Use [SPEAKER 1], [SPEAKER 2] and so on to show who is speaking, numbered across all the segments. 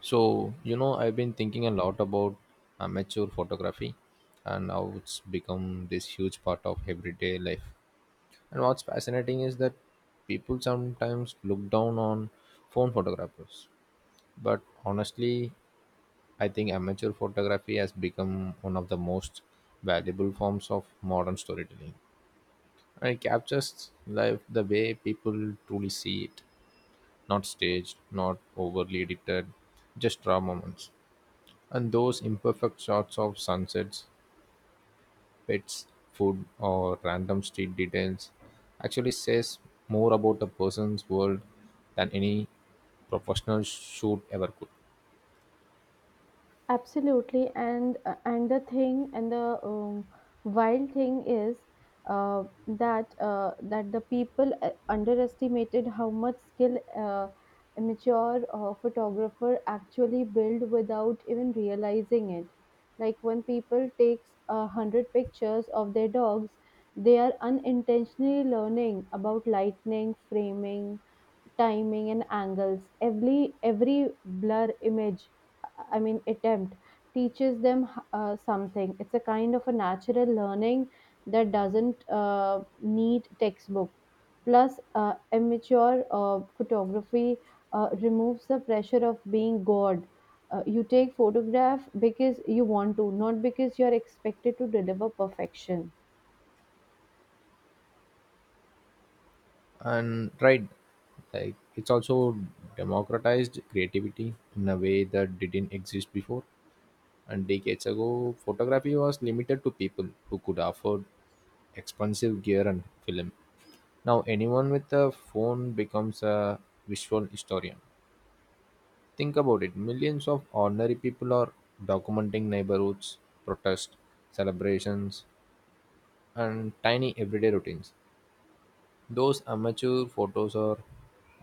[SPEAKER 1] So, you know, I've been thinking a lot about amateur photography and how it's become this huge part of everyday life. And what's fascinating is that people sometimes look down on phone photographers. But honestly, I think amateur photography has become one of the most valuable forms of modern storytelling. And it captures life the way people truly see it, not staged, not overly edited, just raw moments. And those imperfect shots of sunsets, pets, food, or random street details actually says more about a person's world than any professional shoot ever could.
[SPEAKER 2] Absolutely, and the wild thing is that the people underestimated how much skill amateur photographer actually build without even realizing it. Like when people takes 100 pictures of their dogs, they are unintentionally learning about lightning, framing, timing, and angles. Every blur image I mean, attempt teaches them something. It's a kind of a natural learning that doesn't need textbook. Plus, amateur photography removes the pressure of being God. You take photograph because you want to, not because you're expected to deliver perfection.
[SPEAKER 1] And right, like it's also democratized creativity in a way that didn't exist before. And decades ago, photography was limited to people who could afford expensive gear and film. Now, anyone with a phone becomes a visual historian. Think about it, millions of ordinary people are documenting neighborhoods, protests, celebrations, and tiny everyday routines. Those amateur photos are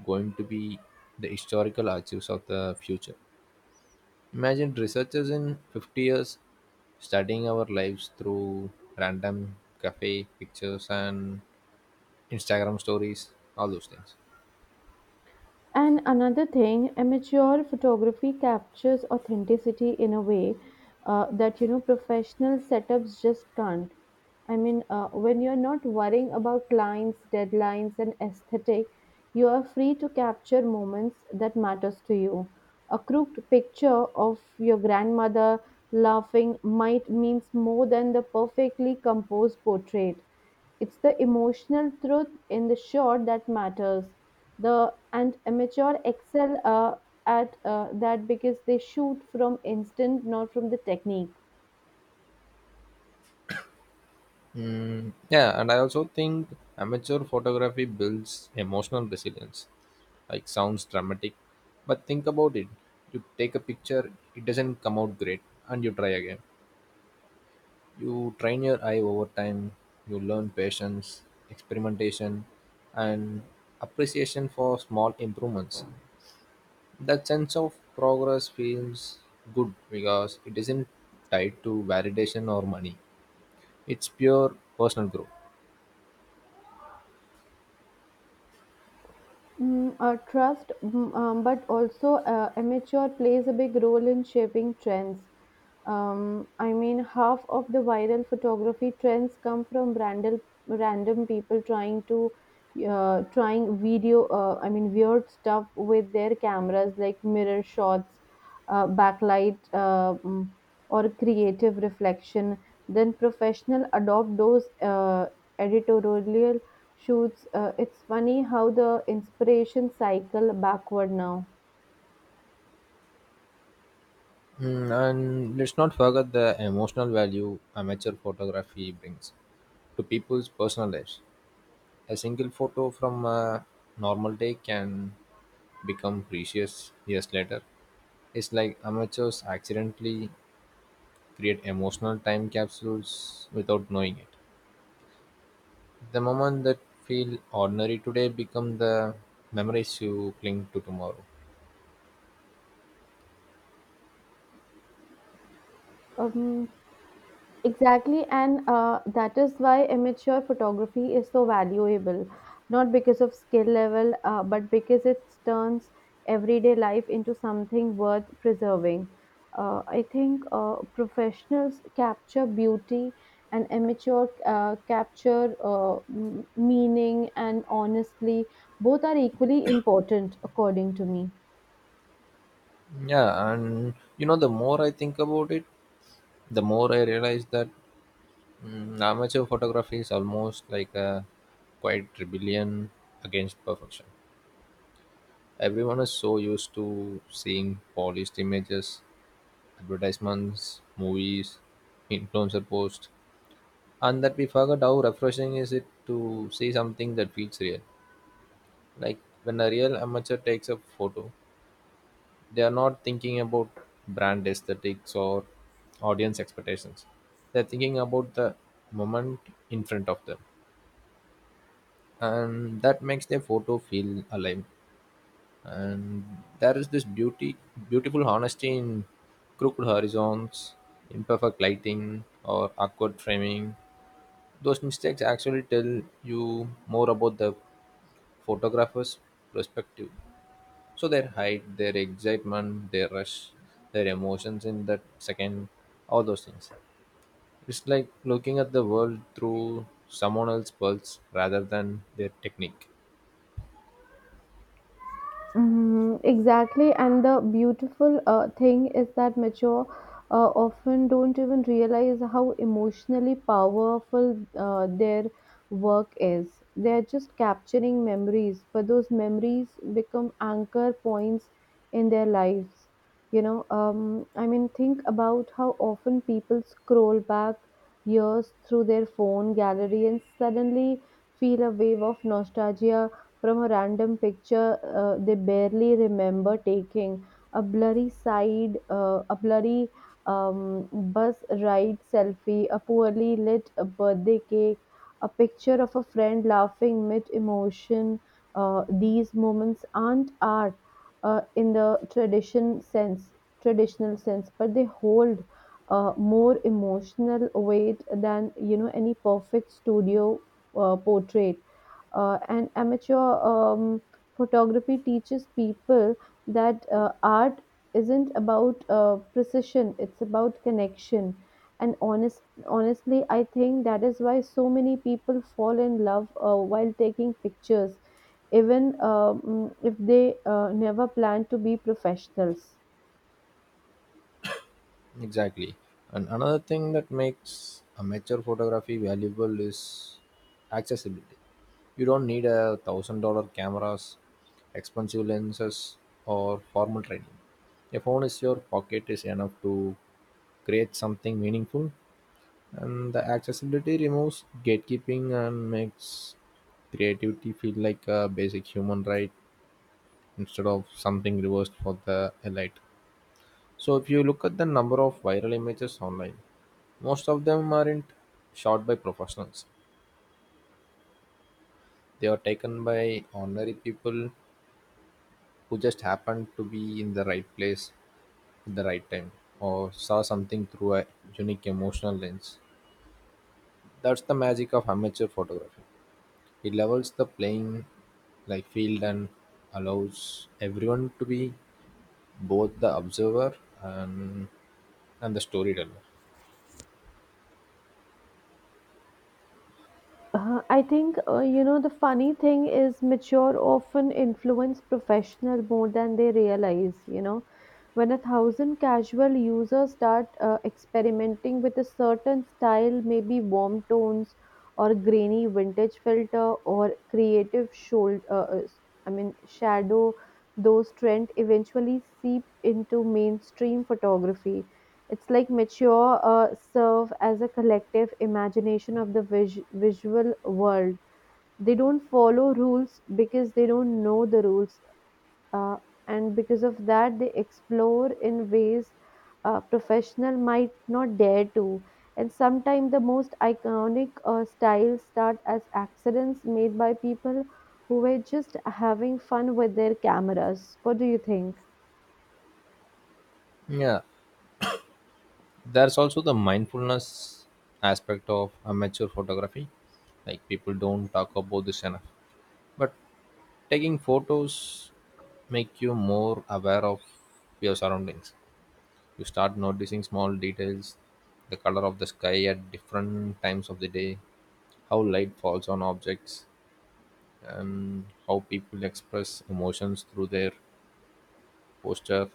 [SPEAKER 1] going to be the historical archives of the future. Imagine researchers in 50 years studying our lives through random cafe pictures and Instagram stories, all those things.
[SPEAKER 2] And another thing, amateur photography captures authenticity in a way that you know professional setups just can't. I mean, when you're not worrying about lines, deadlines, and aesthetic, you are free to capture moments that matters to you. A crooked picture of your grandmother laughing might means more than the perfectly composed portrait. It's the emotional truth in the shot that matters, the and amateur excel at that because they shoot from instinct not from the technique.
[SPEAKER 1] Mm, yeah, and I also think amateur photography builds emotional resilience. Like, sounds dramatic, but think about it. You take a picture, it doesn't come out great, and you try again. You train your eye over time, you learn patience, experimentation, and appreciation for small improvements. That sense of progress feels good because it isn't tied to validation or money. It's pure personal growth.
[SPEAKER 2] Mm. Trust. But also amateur plays a big role in shaping trends. I mean, half of the viral photography trends come from random people trying video. I mean, weird stuff with their cameras, like mirror shots, backlight, or creative reflection. Then professional adopt those editorial shoots. It's funny how the inspiration cycle backward now.
[SPEAKER 1] Mm, and let's not forget the emotional value amateur photography brings to people's personal lives. A single photo from a normal day can become precious years later. It's like amateurs accidentally create emotional time capsules without knowing it. The moment that feel ordinary today become the memories you cling to tomorrow.
[SPEAKER 2] Um, exactly, and that is why amateur photography is so valuable, not because of skill level, but because it turns everyday life into something worth preserving. I think professionals capture beauty, and amateur capture meaning, and honestly, both are equally important, according to me.
[SPEAKER 1] Yeah, and you know, the more I think about it, the more I realize that amateur photography is almost like a quiet rebellion against perfection. Everyone is so used to seeing polished images, advertisements, movies, influencer posts, and that we forget how refreshing is it to see something that feels real. Like when a real amateur takes a photo, they are not thinking about brand aesthetics or audience expectations. They're thinking about the moment in front of them, and that makes their photo feel alive. And there is this beauty beautiful honesty in crooked horizons, imperfect lighting, or awkward framing. Those mistakes actually tell you more about the photographer's perspective, so their height, their excitement, their rush, their emotions in that second, all those things. It's like looking at the world through someone else's pulse rather than their technique.
[SPEAKER 2] Mhm, exactly, and the beautiful thing is that mature often don't even realize how emotionally powerful their work is. They're just capturing memories, but those memories become anchor points in their lives. You know, I mean, think about how often people scroll back years through their phone gallery and suddenly feel a wave of nostalgia from a random picture they barely remember taking, a blurry bus ride selfie, a poorly lit birthday cake, a picture of a friend laughing mid emotion. These moments aren't art in the traditional sense, but they hold more emotional weight than you know any perfect studio portrait. And amateur photography teaches people that art isn't about precision. It's about connection, and honestly I think that is why so many people fall in love while taking pictures, even if they never plan to be professionals.
[SPEAKER 1] Exactly. And another thing that makes amateur photography valuable is accessibility. You don't need $1,000 cameras, expensive lenses, or formal training. A phone is your pocket is enough to create something meaningful, and the accessibility removes gatekeeping and makes creativity feel like a basic human right instead of something reversed for the elite. So, if you look at the number of viral images online, most of them aren't shot by professionals. They are taken by ordinary people who just happened to be in the right place at the right time or saw something through a unique emotional lens. That's the magic of amateur photography. It levels the playing like field and allows everyone to be both the observer and the storyteller.
[SPEAKER 2] I think, you know, the funny thing is mature often influence professional more than they realize, you know. When 1,000 casual users start experimenting with a certain style, maybe warm tones or grainy vintage filter or creative, I mean, shadow, those trends eventually seep into mainstream photography. It's like mature serve as a collective imagination of the visual world. They don't follow rules because they don't know the rules, uh, and because of that, they explore in ways professional might not dare to. And sometimes the most iconic styles start as accidents made by people who were just having fun with their cameras. What do you think?
[SPEAKER 1] Yeah, there's also the mindfulness aspect of amateur photography. Like, people don't talk about this enough. But taking photos make you more aware of your surroundings. You start noticing small details, the color of the sky at different times of the day, how light falls on objects, and how people express emotions through their posture.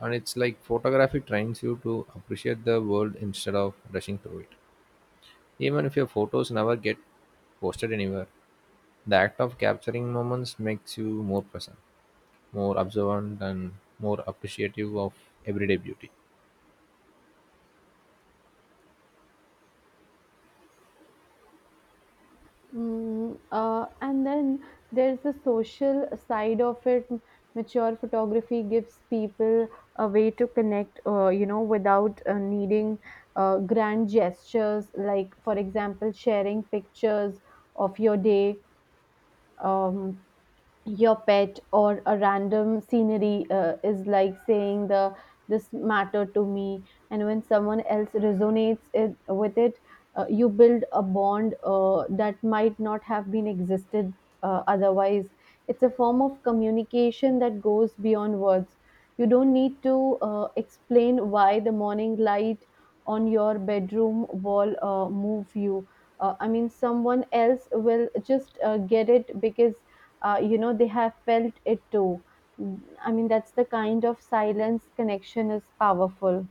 [SPEAKER 1] And it's like photography trains you to appreciate the world instead of rushing through it. Even if your photos never get posted anywhere, the act of capturing moments makes you more present, more observant, and more appreciative of everyday beauty.
[SPEAKER 2] Mm. And then there's the social side of it. Mature photography gives people a way to connect, you know, without needing grand gestures. Like, for example, sharing pictures of your day, um, your pet, or a random scenery is like saying, the this matter to me, and when someone else resonates it with it, you build a bond that might not have been existed otherwise. It's a form of communication that goes beyond words. You don't need to explain why the morning light on your bedroom wall move you. I mean, someone else will just get it, because you know they have felt it too. Mm, I mean, that's the kind of silence connection is powerful.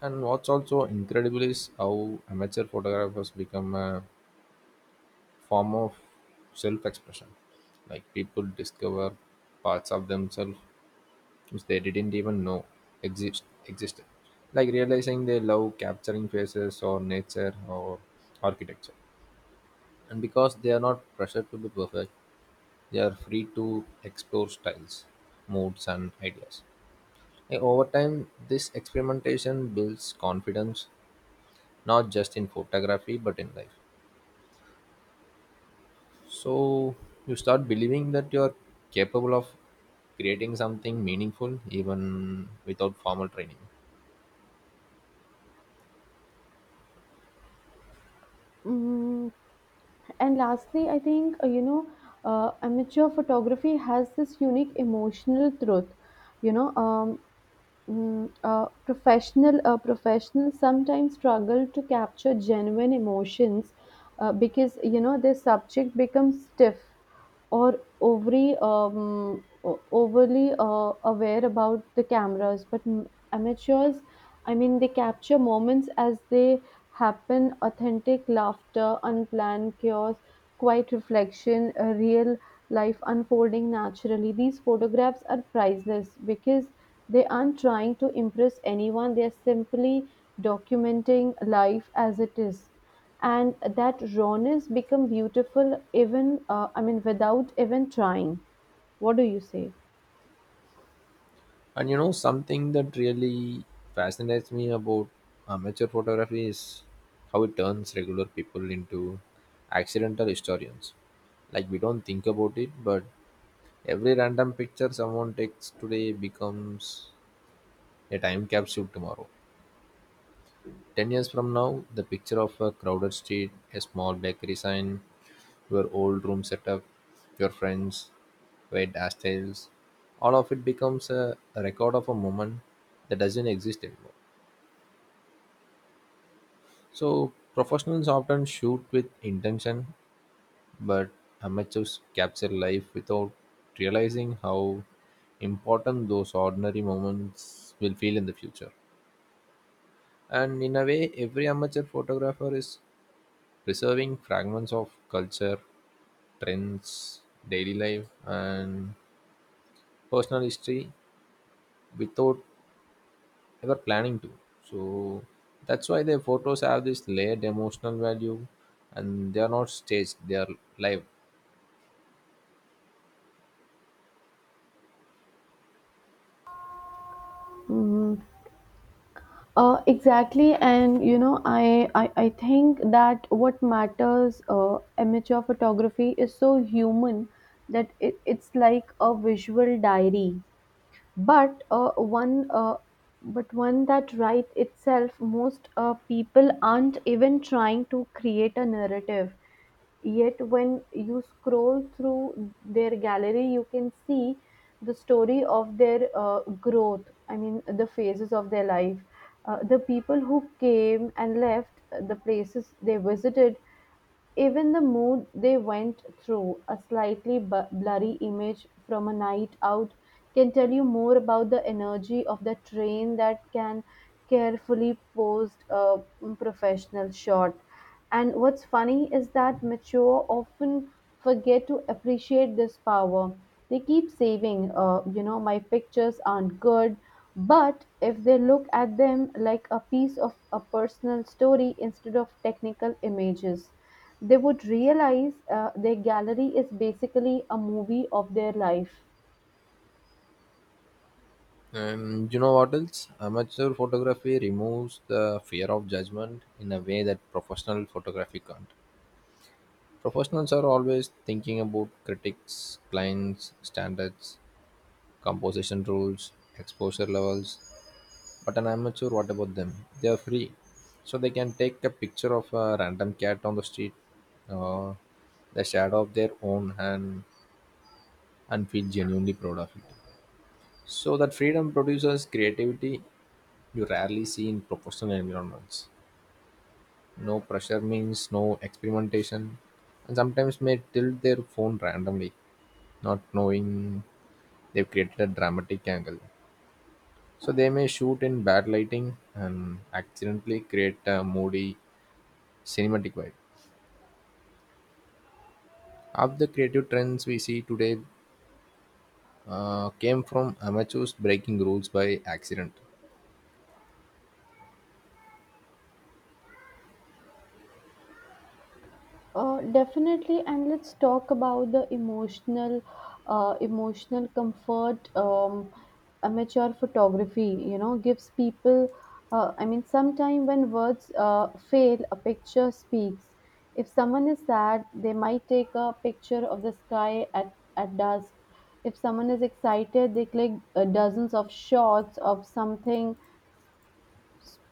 [SPEAKER 1] And what's also incredible is how amateur photographers become a form of self expression. Like, people discover parts of themselves which they didn't even know existed. Like realizing they love capturing faces or nature or architecture. And because they are not pressured to be perfect, they are free to explore styles, moods, and ideas. And over time, this experimentation builds confidence, not just in photography but in life. So you start believing that you are capable of creating something meaningful even without formal training.
[SPEAKER 2] Mm, and lastly I think you know amateur photography has this unique emotional truth, you know. Professionals sometimes struggle to capture genuine emotions because you know their subject becomes stiff or overly overly aware about the cameras. But amateurs, I mean, they capture moments as they happen: authentic laughter, unplanned chaos, quiet reflection, a real life unfolding naturally. These photographs are priceless because they aren't trying to impress anyone. They are simply documenting life as it is, and that rawness become beautiful even I mean without even trying. What do you say?
[SPEAKER 1] And you know, something that really fascinates me about amateur photography is how it turns regular people into accidental historians. Like, we don't think about it, but every random picture someone takes today becomes a time capsule tomorrow. 10 years from now, the picture of a crowded street, a small bakery sign, your old room setup, your friends, weird hairstyles, all of it becomes a record of a moment that doesn't exist anymore. So, professionals often shoot with intention, but amateurs capture life without realizing how important those ordinary moments will feel in the future. And in a way, every amateur photographer is preserving fragments of culture, trends, daily life, and personal history without ever planning to. So that's why their photos have this layered emotional value, and they are not staged, they are live.
[SPEAKER 2] Hmm. Exactly, and you know, I think that what matters, amateur photography is so human that it's like a visual diary, but uh, one uh, but one that right itself. Most people aren't even trying to create a narrative, yet when you scroll through their gallery you can see the story of their growth, I mean the phases of their life, the people who came and left, the places they visited, even the mood they went through. A slightly blurry image from a night out can tell you more about the energy of the train that can carefully posed a professional shot. And what's funny is that mature often forget to appreciate this power. They keep saving, you know, my pictures aren't good, but if they look at them like a piece of a personal story instead of technical images, they would realize their gallery is basically a movie of their life.
[SPEAKER 1] And you know what else? Amateur photography removes the fear of judgment in a way that professional photography can't. Professionals are always thinking about critics, clients, standards, composition rules, exposure levels. But an amateur, what about them? They are free, so they can take a picture of a random cat on the street, uh, the shadow of their own hand, and feel genuinely proud of it. So that freedom produces creativity you rarely see in professional environments. No pressure means no experimentation, and sometimes may tilt their phone randomly, not knowing they've created a dramatic angle. So they may shoot in bad lighting and accidentally create a moody cinematic vibe. Half the creative trends we see today came from amateurs breaking rules by accident.
[SPEAKER 2] Definitely, and let's talk about the emotional comfort. Amateur photography, you know, gives people. I mean, sometime when words fail, a picture speaks. If someone is sad, they might take a picture of the sky at dusk. If someone is excited, they click dozens of shots of something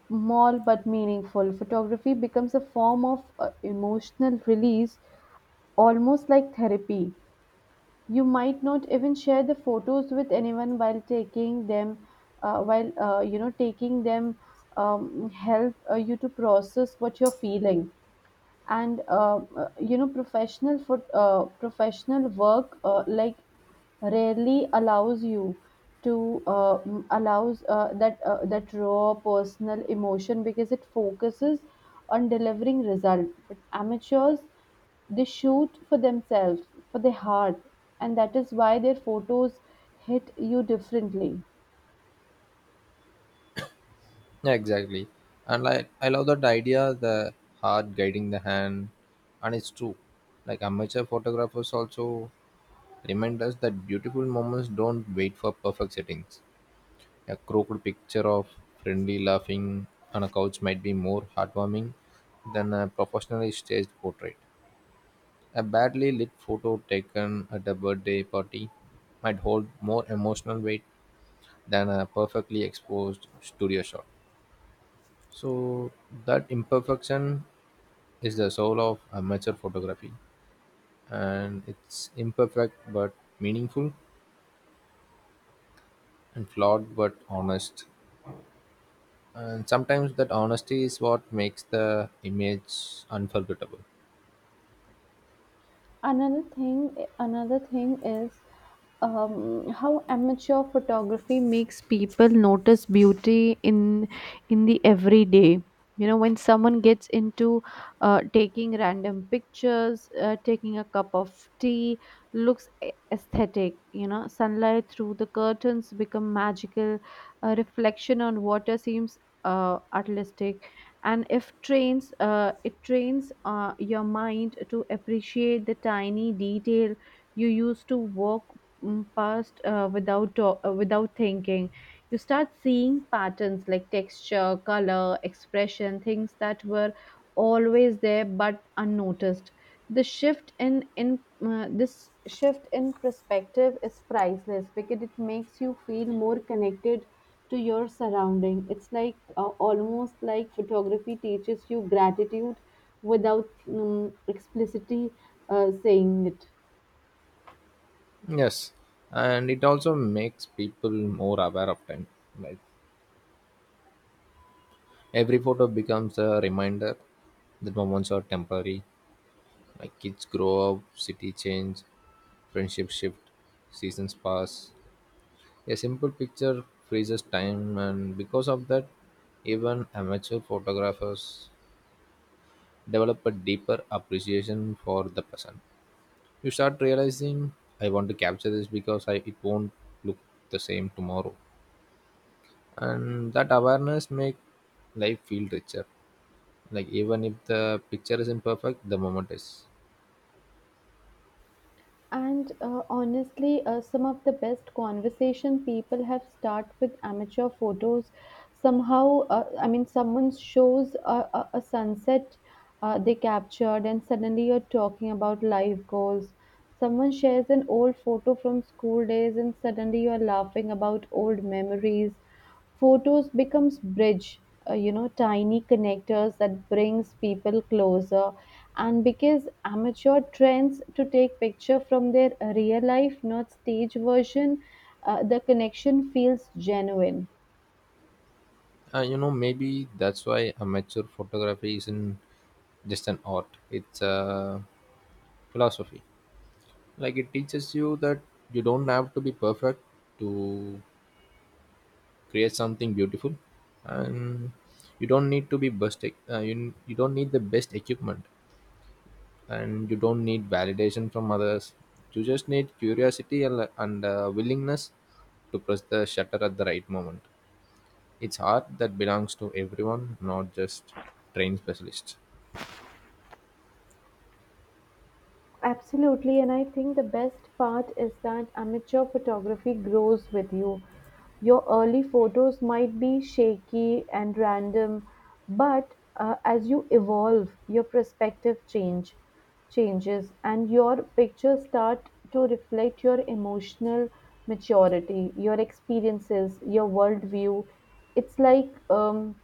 [SPEAKER 2] small but meaningful. Photography becomes a form of emotional release, almost like therapy. You might not even share the photos with anyone while taking them, while you know, taking them help you to process what you're feeling. And you know, professional work like rarely allows you to m- allows that that raw personal emotion, because it focuses on delivering result. But amateurs, they shoot for themselves, for their heart, and that is why their photos hit you differently.
[SPEAKER 1] Yeah, exactly. And like, I love that idea, the heart guiding the hand, and it's true. Like, amateur photographers also remind us that beautiful moments don't wait for perfect settings. A crooked picture of friendly laughing on a couch might be more heartwarming than a professionally staged portrait. A badly lit photo taken at a birthday party might hold more emotional weight than a perfectly exposed studio shot. So, that imperfection is the soul of amateur photography, and it's imperfect but meaningful, and flawed but honest. And sometimes that honesty is what makes the image unforgettable.
[SPEAKER 2] Another thing is how amateur photography makes people notice beauty in the everyday. You know, when someone gets into taking random pictures, taking a cup of tea, looks aesthetic. You know, sunlight through the curtains become magical. A reflection on water seems artistic, and if trains, it trains your mind to appreciate the tiny detail you used to walk past, without thinking. You start seeing patterns like texture, color, expression, things that were always there but unnoticed. The shift in this shift in perspective is priceless because it makes you feel more connected to your surrounding. It's like, almost like photography teaches you gratitude without explicitly saying it.
[SPEAKER 1] Yes, and it also makes people more aware of time. Like, every photo becomes a reminder that moments are temporary. Like, kids grow up, city change, friendships shift, seasons pass. A simple picture freezes time, and because of that, even amateur photographers develop a deeper appreciation for the present. You start realizing, I want to capture this because I it won't look the same tomorrow. And that awareness make life feel richer. Like, even if the picture isn't perfect, the moment is.
[SPEAKER 2] And honestly, some of the best conversation people have start with amateur photos. Somehow, I mean, someone shows a sunset they captured, and suddenly you're talking about life goals. Someone shares an old photo from school days, and suddenly you're laughing about old memories. Photos becomes bridge, you know, tiny connectors that brings people closer. And because amateur trends to take picture from their real life, not stage version, the connection feels genuine.
[SPEAKER 1] And you know, maybe that's why amateur photography isn't just an art. It's a philosophy. Like, it teaches you that you don't have to be perfect to create something beautiful, and you don't need to be best. You don't need the best equipment. And you don't need validation from others. You just need curiosity and, and willingness to press the shutter at the right moment. It's art that belongs to everyone, not just trained specialists.
[SPEAKER 2] Absolutely, and I think the best part is that amateur photography grows with you. Your early photos might be shaky and random, but as you evolve, your perspective changes and your pictures start to reflect your emotional maturity, your experiences, your worldview. It's like,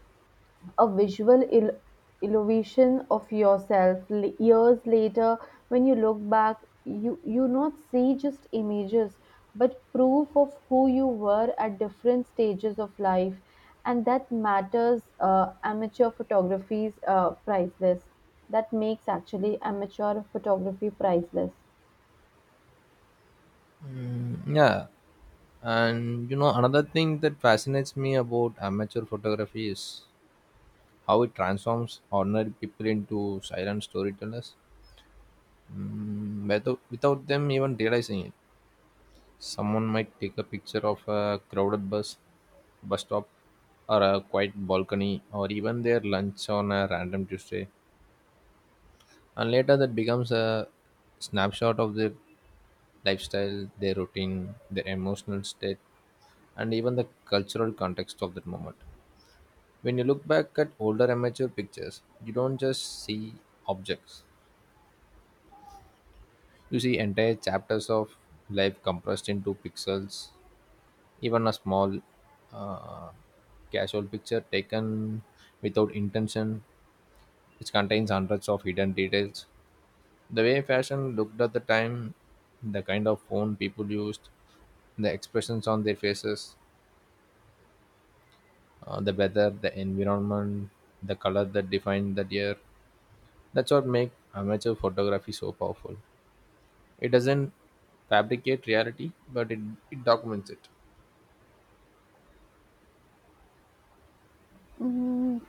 [SPEAKER 2] a visual elevation of yourself. Years later, when you look back, you not see just images but proof of who you were at different stages of life, and that matters. Uh, amateur photography's priceless that makes actually amateur photography priceless.
[SPEAKER 1] Mm, yeah, and you know, another thing that fascinates me about amateur photography is how it transforms ordinary people into silent storytellers, without them even realizing it. Someone might take a picture of a crowded bus stop, or a quiet balcony, or even their lunch on a random Tuesday. And later that becomes a snapshot of their lifestyle, their routine, their emotional state, and even the cultural context of that moment. When you look back at older amateur pictures, you don't just see objects, you see entire chapters of life compressed into pixels. Even a small, uh, casual picture taken without intention, which contains hundreds of hidden details. The way fashion looked at the time, the kind of phone people used, the expressions on their faces, the weather, the environment, the color that defined that year. That's what makes amateur photography so powerful. It doesn't fabricate reality, but it documents it.
[SPEAKER 2] Mm,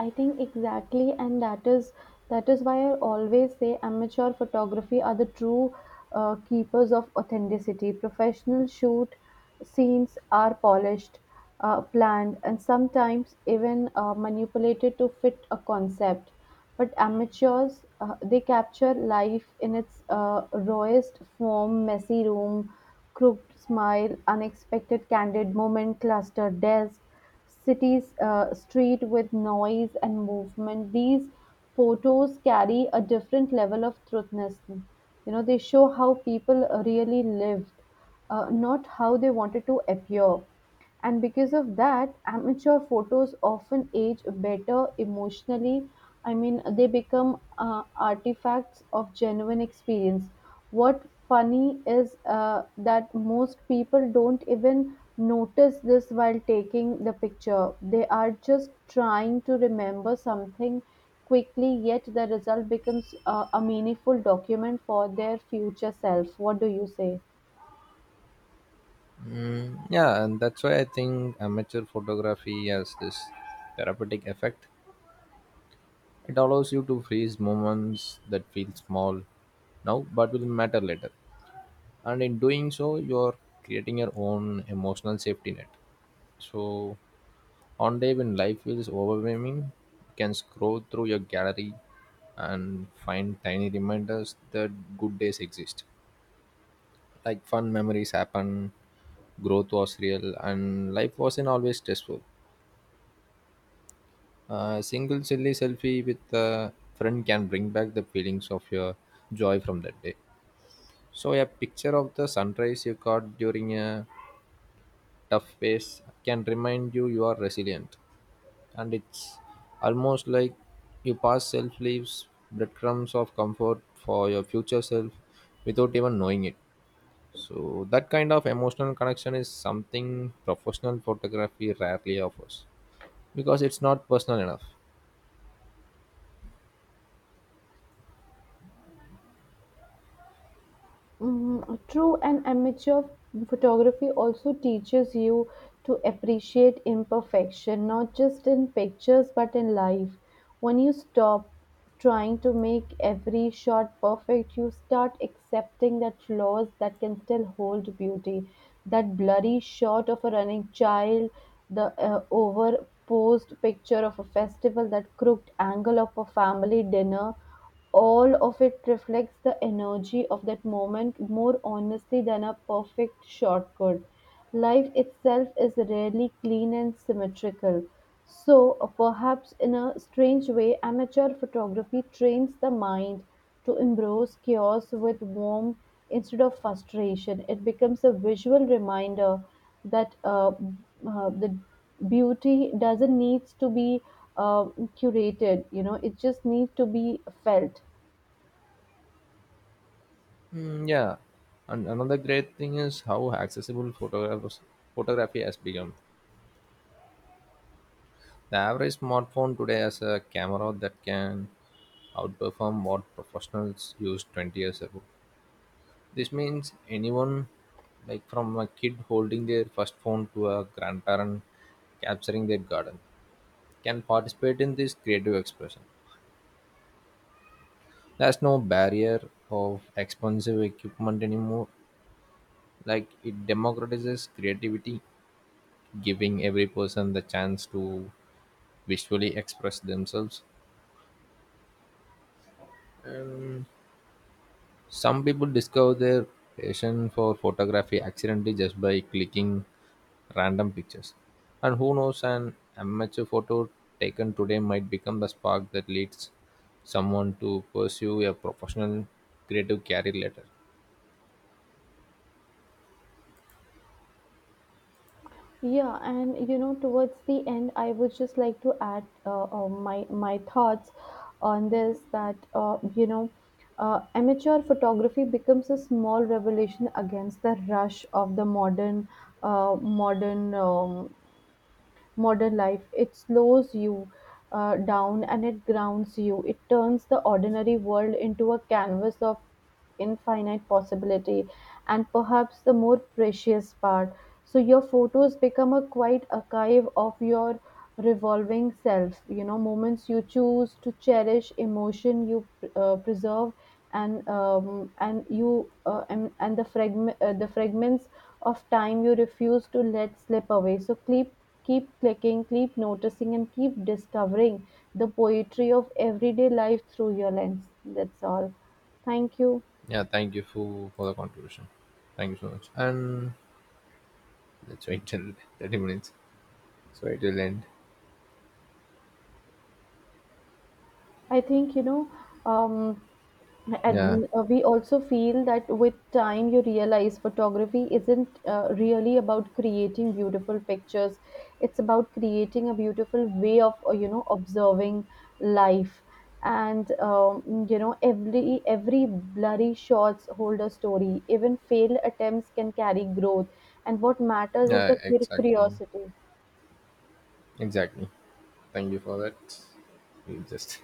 [SPEAKER 2] I think exactly, and that is why I always say amateur photography are the true keepers of authenticity. Professional shoot scenes are polished, planned, and sometimes even manipulated to fit a concept. But amateurs, they capture life in its rawest form: messy room, crooked smile, unexpected candid moment, clustered desk, city's street with noise and movement. These photos carry a different level of truthness. You know, they show how people really lived, not how they wanted to appear. And because of that, amateur photos often age better emotionally. I mean, they become artifacts of genuine experience. What funny is that most people don't even notice this while taking the picture. They are just trying to remember something quickly, yet the result becomes a meaningful document for their future self. What do you say?
[SPEAKER 1] Mm, yeah, and that's why I think amateur photography has this therapeutic effect. It allows you to freeze moments that feel small now but will matter later. And in doing so, you're creating your own emotional safety net. So, on day when life feels overwhelming, you can scroll through your gallery and find tiny reminders that good days exist, like fun memories happen, growth was real, and life wasn't always stressful. A single silly selfie with a friend can bring back the feelings of your joy from that day. So a picture of the sunrise you caught during a tough phase can remind you you are resilient, and it's almost like you pass self leaves breadcrumbs of comfort for your future self without even knowing it. So that kind of emotional connection is something professional photography rarely offers because it's not personal enough.
[SPEAKER 2] Mhm, true, and amateur photography also teaches you to appreciate imperfection, not just in pictures but in life. When you stop trying to make every shot perfect, you start accepting that flaws that can still hold beauty. That blurry shot of a running child, the overposed picture of a festival, that crooked angle of a family dinner, all of it reflects the energy of that moment more honestly than a perfect shortcut. Life itself is rarely clean and symmetrical. So, perhaps in a strange way, amateur photography trains the mind to embrace chaos with warmth instead of frustration. It becomes a visual reminder that the beauty doesn't need to be uh, curated, you know, it just need to be felt.
[SPEAKER 1] Mm, yeah, and another great thing is how accessible photography has become. The average smartphone today has a camera that can outperform what professionals used 20 years ago. This means anyone, like from a kid holding their first phone to a grandparent capturing their garden, can participate in this creative expression. There's no barrier of expensive equipment anymore. Like, it democratizes creativity, giving every person the chance to visually express themselves. And some people discover their passion for photography accidentally just by clicking random pictures. And who knows, an amateur photo taken today might become the spark that leads someone to pursue a professional creative career later.
[SPEAKER 2] Yeah, and you know, towards the end I would just like to add my thoughts on this, that you know, amateur photography becomes a small revolution against the rush of the uh, modern um, modern life. It slows you down and it grounds you. It turns the ordinary world into a canvas of infinite possibility, and perhaps the more precious part. So your photos become a quiet archive of your revolving self, you know, moments you choose to cherish, emotion you preserve, and you and the fragment the fragments of time you refuse to let slip away. So keep keep clicking, keep noticing, and keep discovering the poetry of everyday life through your lens. That's all. Thank you.
[SPEAKER 1] Yeah, thank you for the contribution. Thank you so much. And let's wait till 30 minutes, so it will end.
[SPEAKER 2] I think, you know, um,
[SPEAKER 1] Yeah,
[SPEAKER 2] and we also feel that with time you realize photography isn't really about creating beautiful pictures. It's about creating a beautiful way of, you know, observing life. And you know, every blurry shots hold a story. Even failed attempts can carry growth. And what matters is
[SPEAKER 1] yeah,
[SPEAKER 2] the
[SPEAKER 1] exactly,
[SPEAKER 2] curiosity.
[SPEAKER 1] exactly. Thank you for that. We just.